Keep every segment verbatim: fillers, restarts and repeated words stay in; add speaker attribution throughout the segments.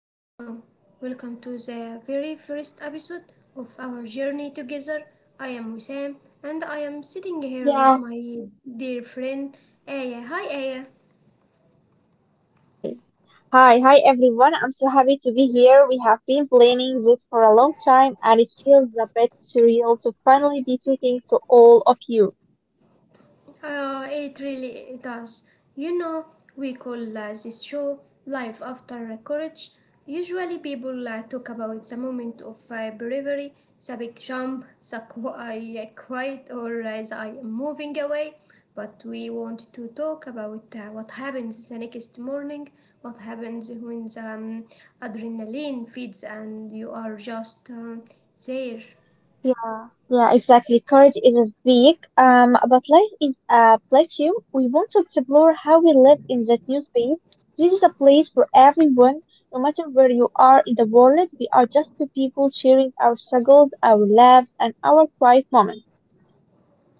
Speaker 1: everyone. Welcome to the very first episode of our journey together. I am Wissam and I am sitting here with
Speaker 2: Yeah.
Speaker 1: my dear friend Aya. Hi, Aya.
Speaker 2: Hi, hi everyone. I'm so happy to be here. We have been planning this for a long time and it feels a bit surreal to finally be talking to all of you.
Speaker 1: Uh, it really does. You know, we call uh, this show Life After Courage. Usually, people uh, talk about the moment of uh, bravery, the big jump, the qu- I quit, or uh, the I am moving away. But we want to talk about uh, what happens the next morning, what happens when the um, adrenaline feeds and you are just um, there.
Speaker 2: Yeah. Yeah, exactly. Courage is a speak, um, but life is a plateau. We want to explore how we live in that new space. This is a place for everyone, no matter where you are in the world. We are just two people sharing our struggles, our laughs, and our quiet moments.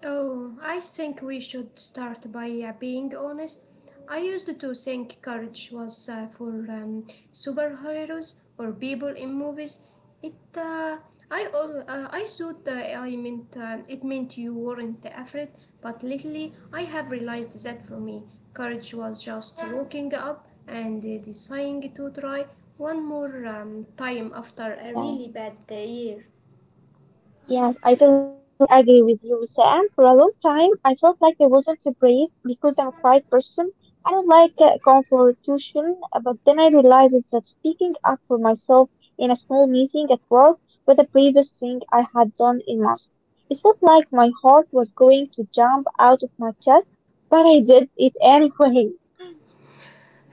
Speaker 1: Oh, I think we should start by uh, being honest. I used to think courage was uh, for um, superheroes or people in movies. It, uh, I, al- uh, I thought uh, I meant uh, it meant you weren't afraid, but lately I have realized that for me, courage was just waking up and uh, deciding to try one more um, time after a really
Speaker 2: Yeah.
Speaker 1: bad day. Year.
Speaker 2: Yes, I totally agree with you, Sam. For a long time, I felt like I wasn't brave because I'm a quiet person. I don't like uh, confrontation, uh, but then I realized that speaking up for myself in a small meeting at work was the bravest thing I had done in months. It felt like my heart was going to jump out of my chest, but I did it anyway.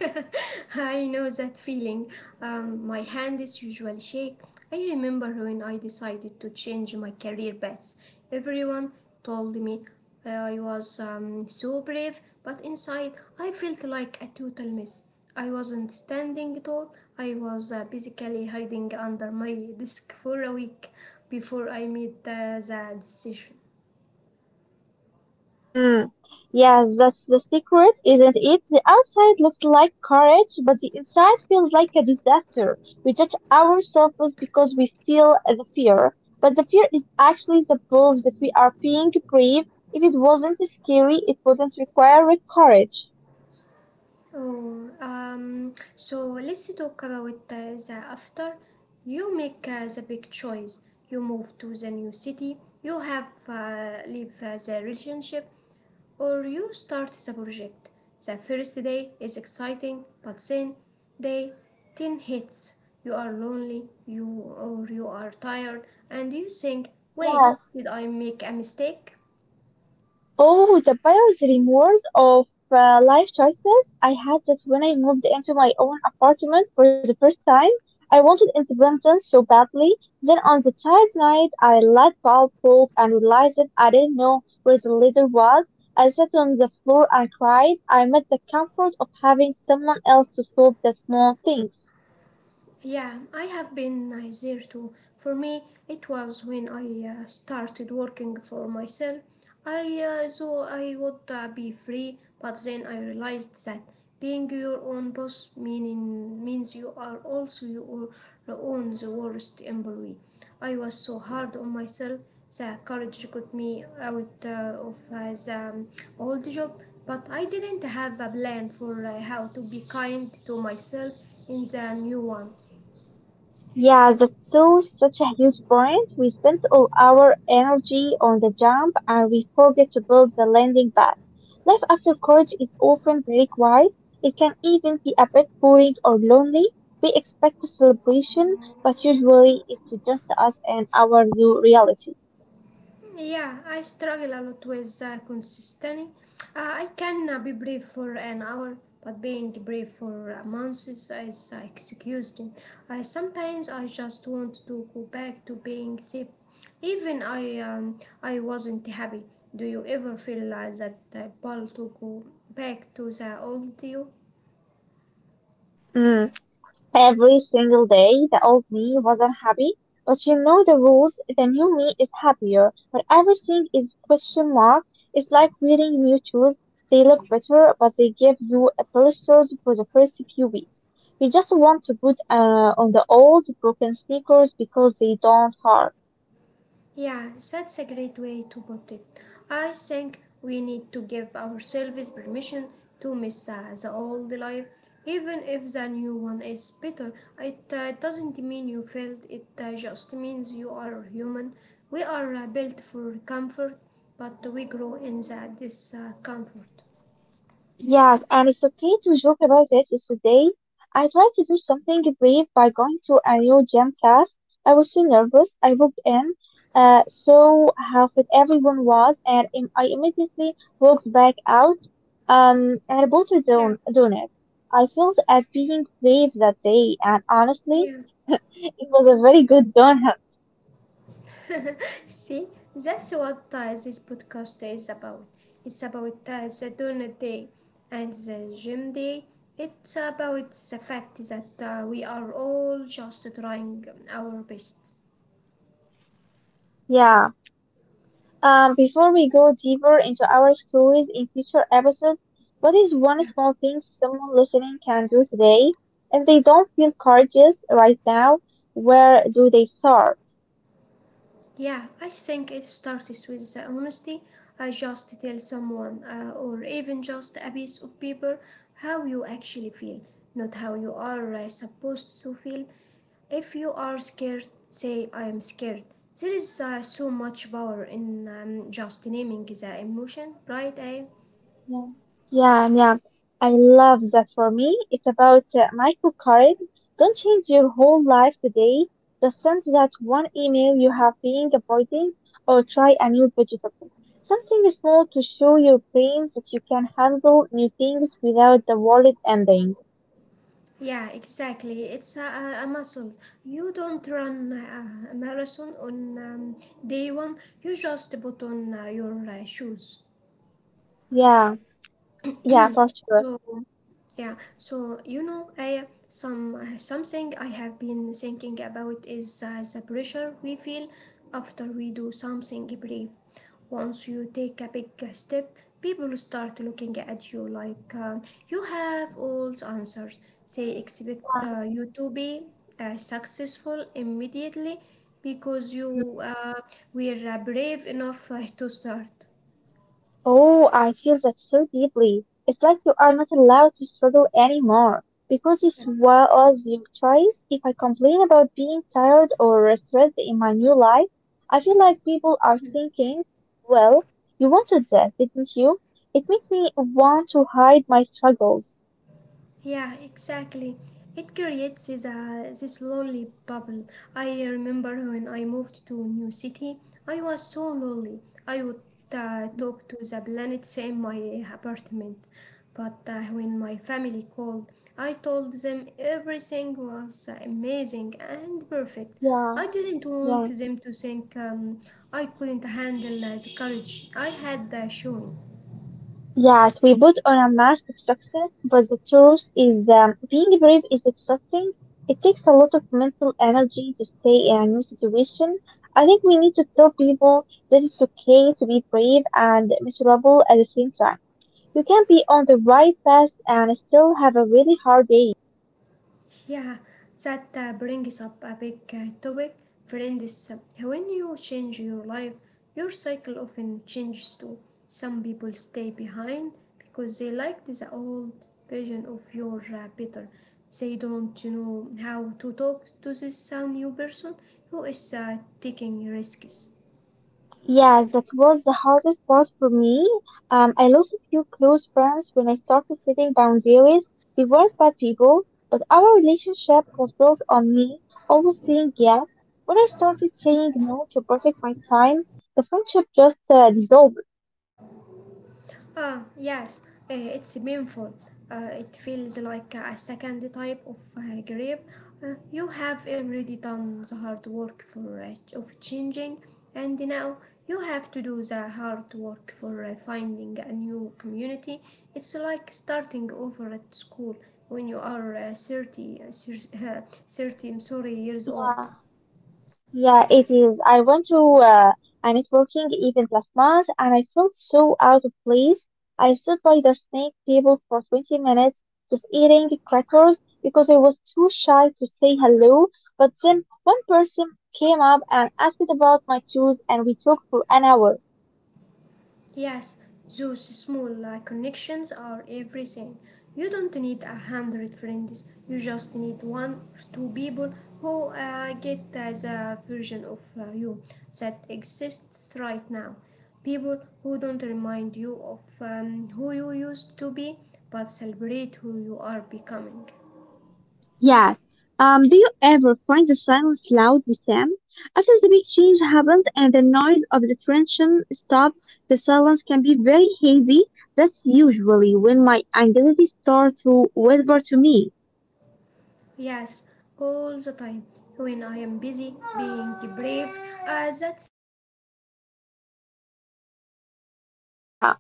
Speaker 1: I know that feeling. Um, my hand is usually shake. I remember when I decided to change my career path. Everyone told me I was um, so brave, but inside I felt like a total mess. I wasn't standing at all. I was uh, basically hiding under my desk for a week before I made uh, the decision.
Speaker 2: Mm. Yes, that's the secret, isn't it? The outside looks like courage, but the inside feels like a disaster. We judge ourselves because we feel the fear, but the fear is actually the proof that we are being brave. If it wasn't scary, it wouldn't require courage.
Speaker 1: Oh, um, so let's talk about uh, the after. You make uh, the big choice. You move to the new city. You have uh, leave uh, the relationship, or you start the project. The first day is exciting, but then day ten hits. You are lonely. You or you are tired, and you think, wait,
Speaker 2: Yeah.
Speaker 1: did I make a mistake?
Speaker 2: Oh, the buyer's remorse of uh, life choices. I had that when I moved into my own apartment for the first time. I wanted independence so badly. Then on the third night, I let bulb broke and realized that I didn't know where the leader was. I sat on the floor and cried. I met the comfort of having someone else to solve the small things.
Speaker 1: Yeah, I have been nice there too. For me, it was when I uh, started working for myself. I uh, thought I would uh, be free, but then I realized that being your own boss meaning, means you are also your own the worst employee. I was so hard on myself that courage got me out uh, of uh, the old job, but I didn't have a plan for uh, how to be kind to myself in the new one.
Speaker 2: Yeah, that's so such a huge point. We spend all our energy on the jump and we forget to build the landing pad. Life after college is often very quiet. It can even be a bit boring or lonely. We expect a celebration, but usually it's just us and our new reality.
Speaker 1: Yeah, I struggle a lot with uh, consistency. Uh, I can uh, be brave for an hour, but being brave for uh, months is, uh, is uh, exhausting. I sometimes I just want to go back to being safe, even I um, I wasn't happy. Do you ever feel like that uh, pull to go back to the old you?
Speaker 2: Every single day, the old me was unhappy, but you know the rules. The new me is happier, but everything is question mark. It's like wearing new shoes. They look better, but they give you a blisters for the first few weeks. You just want to put uh, on the old broken sneakers because they don't hurt.
Speaker 1: Yeah, that's a great way to put it. I think we need to give ourselves permission to miss uh, the old life, even if the new one is better. It uh, doesn't mean you failed, it uh, just means you are human. We are uh, built for comfort, but we grow in the discomfort.
Speaker 2: Yes, and it's okay to joke about it. It's today. I tried to do something brave by going to a new gym class. I was so nervous. I walked in, uh, saw how fit everyone was, and im- I immediately walked back out, um, and bought a
Speaker 1: Yeah,
Speaker 2: don donut. I felt at being brave that day, and honestly,
Speaker 1: yeah.
Speaker 2: it was a very good donut.
Speaker 1: See, that's what uh, this podcast is about. It's about uh, the donor day and the gym day. It's about the fact that uh, we are all just trying our best.
Speaker 2: Yeah. Um, before we go deeper into our stories in future episodes, what is one
Speaker 1: Yeah.
Speaker 2: small thing someone listening can do today? If they don't feel courageous right now, where do they start?
Speaker 1: Yeah, I think it starts with the honesty. I just tell someone, uh, or even just a piece of paper, how you actually feel, not how you are uh, supposed to feel. If you are scared, say, I am scared. There is uh, so much power in um, just naming the emotion, right? Eh?
Speaker 2: Yeah, yeah, yeah. I love that for me. It's about uh, microcurrent. Don't change your whole life today. Just send that one email you have been avoiding or try a new vegetable. Something small to show your brain that you can handle new things without the world ending.
Speaker 1: Yeah, exactly. It's a, a a muscle. You don't run uh, a marathon on um, day one, you just put on uh, your uh, shoes.
Speaker 2: Yeah, yeah, for sure.
Speaker 1: So Yeah, so, you know, I some something
Speaker 2: Mhm.
Speaker 1: I have been thinking about is uh, the pressure we feel after we do something brave. Once you take a big step, people start looking at you like uh, you have all the answers. They expect
Speaker 2: Yeah.
Speaker 1: uh, you to be uh, successful immediately because you
Speaker 2: Mhm.
Speaker 1: uh, were uh, brave enough uh, to start.
Speaker 2: Oh, I feel that so deeply. It's like you are not allowed to struggle anymore because it's was your choice. If I complain about being tired or stressed in my new life, I feel like people are thinking, well, you wanted this, didn't you? It makes me want to hide my struggles.
Speaker 1: Yeah, exactly. It creates this, uh, this lonely bubble. I remember
Speaker 2: Yeah.
Speaker 1: when I moved to a new city, I was so
Speaker 2: Mm-hmm.
Speaker 1: lonely. I would uh,
Speaker 2: Mm-hmm.
Speaker 1: talk to the planets in my apartment. But uh, when my family called, I told them everything was uh, amazing and perfect. I
Speaker 2: Yeah.
Speaker 1: didn't want
Speaker 2: Yeah.
Speaker 1: them to think um, I couldn't handle uh, the courage I had uh, shown.
Speaker 2: Yes, we put on a mask of success, but the truth is that being brave is exhausting. It takes a lot of mental energy to stay in a new situation. I think we need to tell people that it's okay to be brave and miserable at the same time. You can be on the right path and still have a really hard day.
Speaker 1: Yeah, that uh, brings up a big uh, topic, friends. When you change your life, your cycle often changes too. Some people stay behind because they like the old version of your uh, better. They don't know how to talk to this uh, new person who is uh, taking risks.
Speaker 2: Yeah, that was the hardest part for me. Um, I lost a few close friends when I started setting boundaries. They weren't bad people, but our relationship was built on me always saying yes. When I started saying no to protect my time, the friendship just uh, dissolved.
Speaker 1: Ah, yes, uh, it's painful. Uh, it feels like a second type of uh, grief. Uh, you have already done the hard work for uh, ch- of changing, and now you have to do the hard work for uh, finding a new community. It's like starting over at school when you are uh, thirty, uh, thirty, uh, thirty, I'm sorry, years
Speaker 2: Yeah.
Speaker 1: old.
Speaker 2: Yeah, it is. I went to uh, a networking event last month and I felt so out of place. I stood by the snake table for twenty minutes just eating crackers because I was too shy to say hello. But then one person came up and asked about my shoes and we talked for an hour.
Speaker 1: Yes, those small uh, connections are everything. You don't need a hundred friends, you just need one or two people who uh, get uh, the version of uh, you that exists right now. People who don't remind you of um, who you used to be, but celebrate who you are becoming.
Speaker 2: Yes. Um, do you ever find the silence loud, Sam? After the big change happens and the noise of the tension stops, the silence can be very heavy. That's usually when my anxiety starts to whisper to me.
Speaker 1: Yes, all the time. When I am busy being brave, uh, that's.
Speaker 2: Yeah.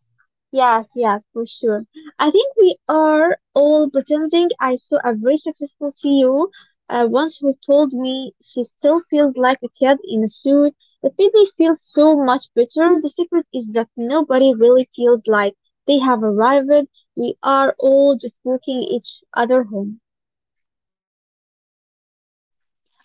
Speaker 2: Yes, yes, for sure. I think we are all pretending I saw a very successful C E O uh, once who told me she still feels like a kid in a suit. It made me feel so much better. The secret is that nobody really feels like they have arrived. We are all just walking each other home.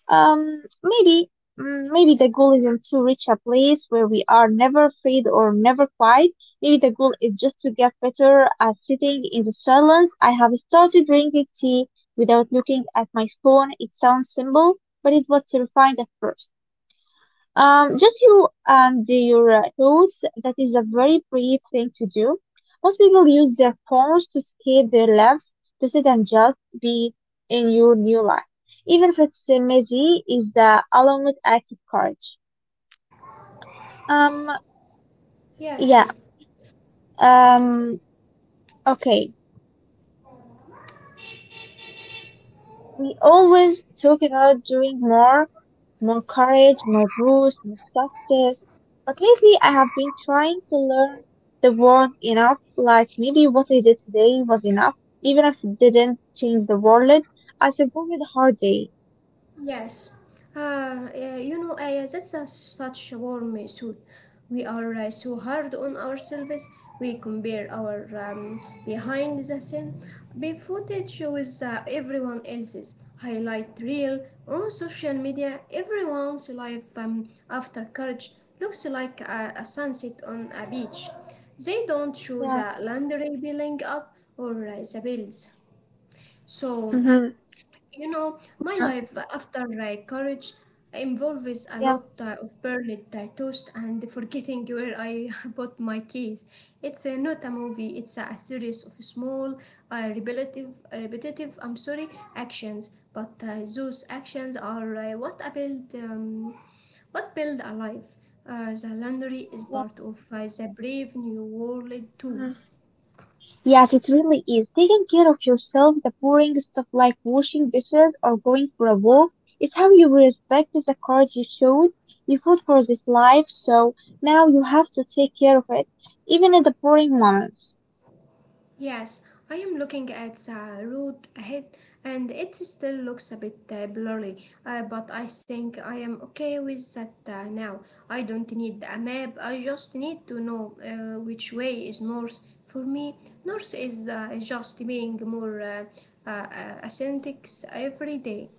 Speaker 2: Um, maybe, mm, maybe the goal isn't to reach a place where we are never afraid or never quiet. Maybe the goal is just to get better at sitting in the silence. I have started drinking tea without looking at my phone. It sounds simple, but it was terrifying at first. Um, just you and your uh, thoughts. That is a very brave thing to do. Most people use their phones to escape their lives, to sit and just be in your new life. Even if it's uh, messy, is the alone with active courage. Um,
Speaker 1: Yes,
Speaker 2: yeah.
Speaker 1: yes.
Speaker 2: Um, okay. We always talk about doing more, more courage, more boost, more success. But lately I have been trying to learn the word enough, like maybe what I did today was enough, even if it didn't change the world. I survived a hard day.
Speaker 1: Yes, uh, uh, you know, uh, that's a, such a warm suit. We are uh, so hard on ourselves. We compare our um, behind the scene be footage with uh, everyone else's highlight reel on social media. Everyone's life um, after college looks like a, a sunset on a beach. They don't show
Speaker 2: Yeah,
Speaker 1: the laundry piling up or uh, the bills. So.
Speaker 2: mm-hmm.
Speaker 1: You know, my
Speaker 2: Yeah,
Speaker 1: life after uh, college involves a
Speaker 2: yeah,
Speaker 1: lot uh, of burnt uh, toast and forgetting where I bought my keys. It's uh, not a movie, it's a series of small, uh, repetitive, repetitive, I'm sorry, actions. But uh, those actions are uh, what I build, um, what build a life. Uh, the laundry is part
Speaker 2: yeah.
Speaker 1: of uh, the brave new world too.
Speaker 2: Mm-hmm. Yes, it really is. Taking care of yourself, the boring stuff like washing dishes or going for a walk, is how you respect the cards you showed. You fought for this life, so now you have to take care of it, even in the boring moments.
Speaker 1: Yes, I am looking at the road ahead and it still looks a bit uh, blurry, uh, but I think I am okay with that uh, now. I don't need a map, I just need to know uh, which way is north. For me, north is uh, just being more uh, uh, uh, authentic every day.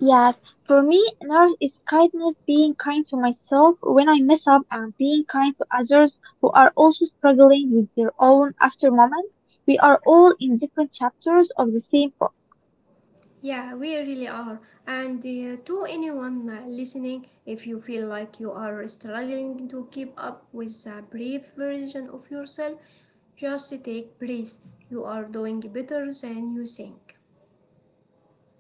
Speaker 2: Yes, for me, an art is kindness, being kind to myself when I mess up and being kind to others who are also struggling with their own after moments. We are all in different chapters of the same book.
Speaker 1: Yeah, we really are. And uh, to anyone uh, listening, if you feel like you are struggling to keep up with a brief version of yourself, just take breath. You are doing better than you think.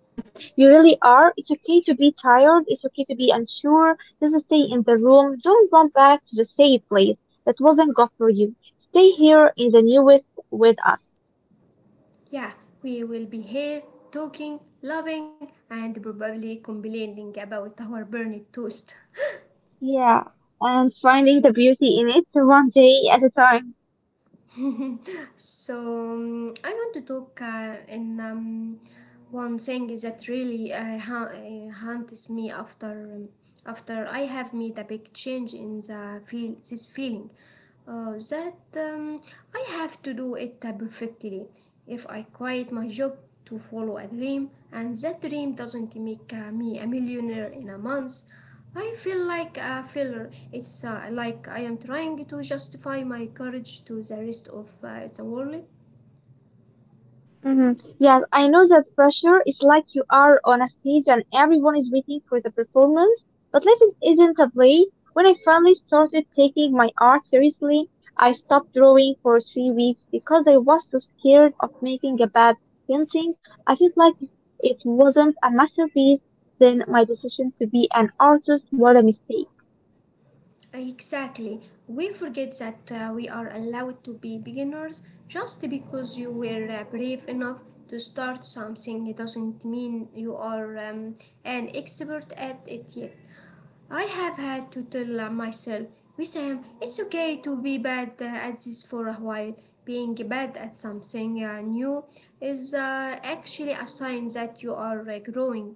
Speaker 2: Yeah, you really are. It's okay to be tired. It's okay to be unsure. Just stay in the room. Don't run back to the safe place that wasn't good for you. Stay here in the newest with us.
Speaker 1: Yeah, we will be here talking, loving, and probably complaining about our burnt toast.
Speaker 2: Yeah, and finding the beauty in it one day at a time.
Speaker 1: so um, I want to talk uh, in um, one thing is that really uh, ha- uh, haunts me after um, after I have made a big change in the feel this feeling uh, that um, I have to do it uh, perfectly. If I quit my job to follow a dream and that dream doesn't make uh, me a millionaire in a month, I feel like a failure. It's uh, like I am trying to justify my courage to the rest of uh, the world.
Speaker 2: Hmm. Yes, I know that pressure is like you are on a stage and everyone is waiting for the performance, but life is- isn't a play. When I finally started taking my art seriously, I stopped drawing for three weeks because I was so scared of making a bad painting. I felt like if it wasn't a masterpiece, then my decision to be an artist was a mistake.
Speaker 1: Exactly. We forget that uh, we are allowed to be beginners. Just because you were uh, brave enough to start something it doesn't mean you are um, an expert at it yet. I have had to tell uh, myself, Wissam, it's okay to be bad uh, at this for a while. Being bad at something uh, new is uh, actually a sign that you are uh, growing.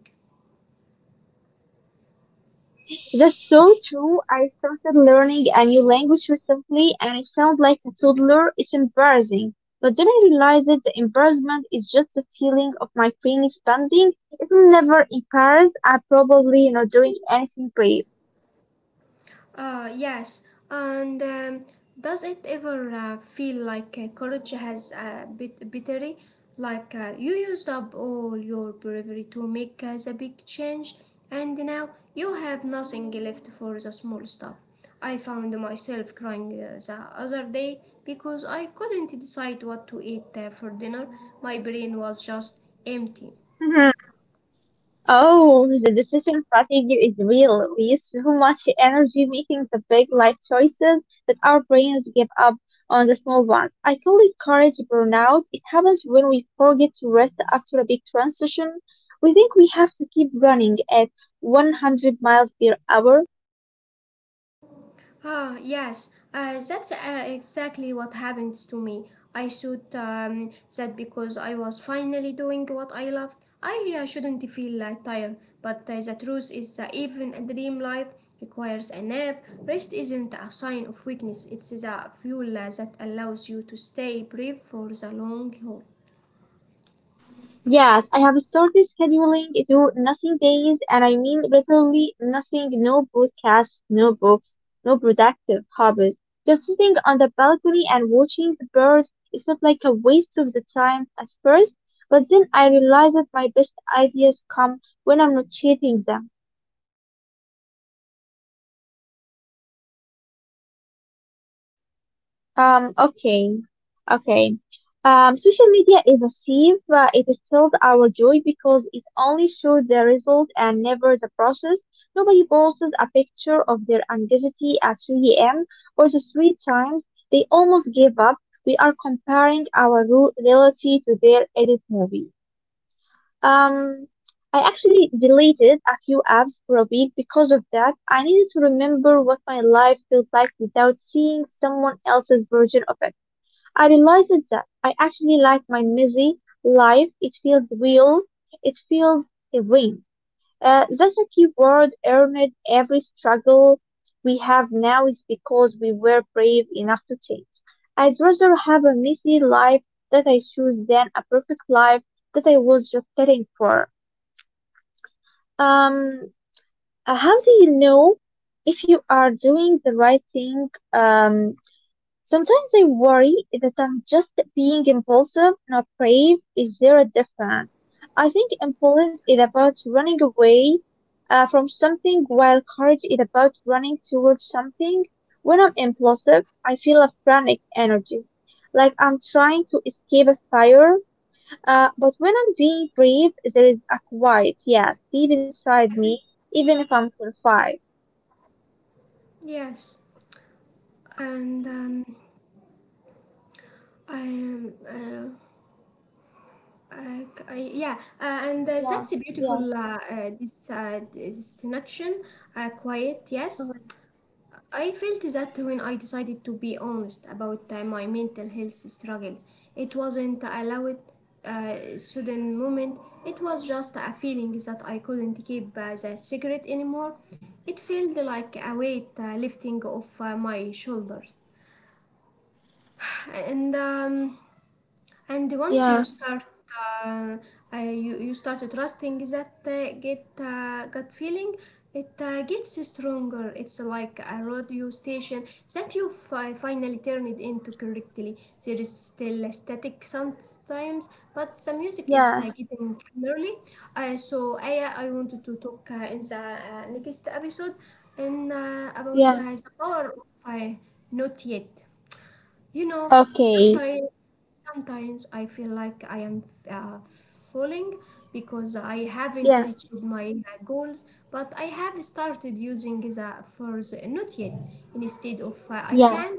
Speaker 2: Um, that's so true. I started learning a new language recently and I sound like a toddler. It's embarrassing. But then I realized that the embarrassment is just the feeling of my brain expanding. If I'm never embarrassed, I'm probably not doing anything brave.
Speaker 1: Uh, yes, and um, does it ever uh, feel like uh, courage has a bit bittery? Like uh, you used up all your bravery to make uh, the big change, and now you have nothing left for the small stuff. I found myself crying uh, the other day because I couldn't decide what to eat uh, for dinner. My brain was just empty.
Speaker 2: Oh, the decision fatigue is real. We use so much energy making the big life choices that our brains give up on the small ones. I call it courage burnout. It happens when we forget to rest after a big transition. We think we have to keep running at one hundred miles per hour.
Speaker 1: Ah, yes, uh, that's uh, exactly what happened to me. I thought um, that because I was finally doing what I loved, I uh, shouldn't feel uh, tired. But uh, the truth is that even a dream life requires a nap. Rest isn't a sign of weakness, it's the fuel uh, that allows you to stay brave for the long haul.
Speaker 2: Yes, I have started scheduling to nothing days, and I mean literally nothing, no broadcasts, no books, no productive hobbies. Just sitting on the balcony and watching the birds, it felt like a waste of the time at first, but then I realized that my best ideas come when I'm not chasing them. Um, okay, okay. Um, social media is a sieve. Uh, it steals our joy because it only shows the result and never the process. Nobody posts a picture of their anxiety at three a m or the three times they almost gave up. We are comparing our ru- reality to their edit movie. Um, I actually deleted a few apps for a week because of that. I needed to remember what my life felt like without seeing someone else's version of it. I realized that I actually like my messy life. It feels real. It feels real. Uh, that's a key word, earned. Every struggle we have now is because we were brave enough to change. I'd rather have a messy life that I choose than a perfect life that I was just setting for. Um, uh, how do you know if you are doing the right thing? Um, Sometimes I worry that I'm just being impulsive, not brave. Is there a difference? I think impulse is about running away uh, from something, while courage is about running towards something. When I'm impulsive, I feel a frantic energy, like I'm trying to escape a fire. Uh, but when I'm being brave, there is a quiet, yes, deep inside me, even if I'm terrified.
Speaker 1: Yes, and um, I am. Uh, I, I, yeah, uh, and uh,
Speaker 2: Yeah,
Speaker 1: that's a
Speaker 2: yeah,
Speaker 1: beautiful uh, uh, this uh, distinction. Uh, quiet, yes.
Speaker 2: mhm,
Speaker 1: I felt that when I decided to be honest about uh, my mental health struggles, it wasn't a loud, uh, sudden moment. It was just a feeling that I couldn't keep uh, the secret anymore. It felt like a weight uh, lifting off uh, my shoulders, and um, and once you
Speaker 2: yeah,
Speaker 1: start, uh, uh, you, you start trusting that uh, get uh, gut feeling, it uh, gets stronger. It's like a radio station that you fi- finally turn it into correctly. There is still a static sometimes, but some music is
Speaker 2: yeah,
Speaker 1: uh, getting clearly. Uh, so, Aya, I wanted to talk uh, in the uh, next episode and uh, about uh,
Speaker 2: yeah.
Speaker 1: the power of uh, not yet. You know,
Speaker 2: Okay.
Speaker 1: sometimes sometimes I feel like I am uh, falling because I haven't
Speaker 2: Yeah,
Speaker 1: reached my uh, goals, but I have started using the for the not yet instead of uh, I
Speaker 2: yeah,
Speaker 1: can't.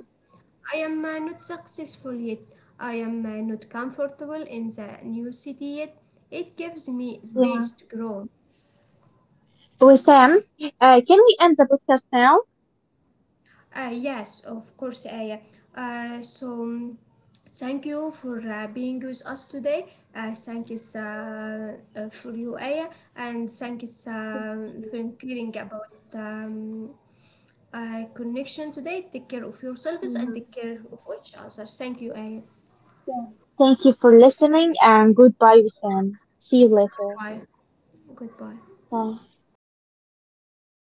Speaker 1: I am uh, not successful yet. I am uh, not comfortable in the new city yet. It gives me
Speaker 2: yeah.
Speaker 1: space to grow.
Speaker 2: Wissam, uh, can we end the podcast now?
Speaker 1: Uh, yes, of course, Aya. Uh, so, mm, thank you for uh, being with us today. Uh, thank you uh, uh, for you, Aya, and thank you um
Speaker 2: Yeah.
Speaker 1: for caring about um, uh, connection today. Take care of yourselves and take
Speaker 2: Mhm.
Speaker 1: care of each other. Thank you, Aya.
Speaker 2: Yeah. Thank you for listening and goodbye, Wissam. See you later.
Speaker 1: Bye. Goodbye.
Speaker 2: Bye.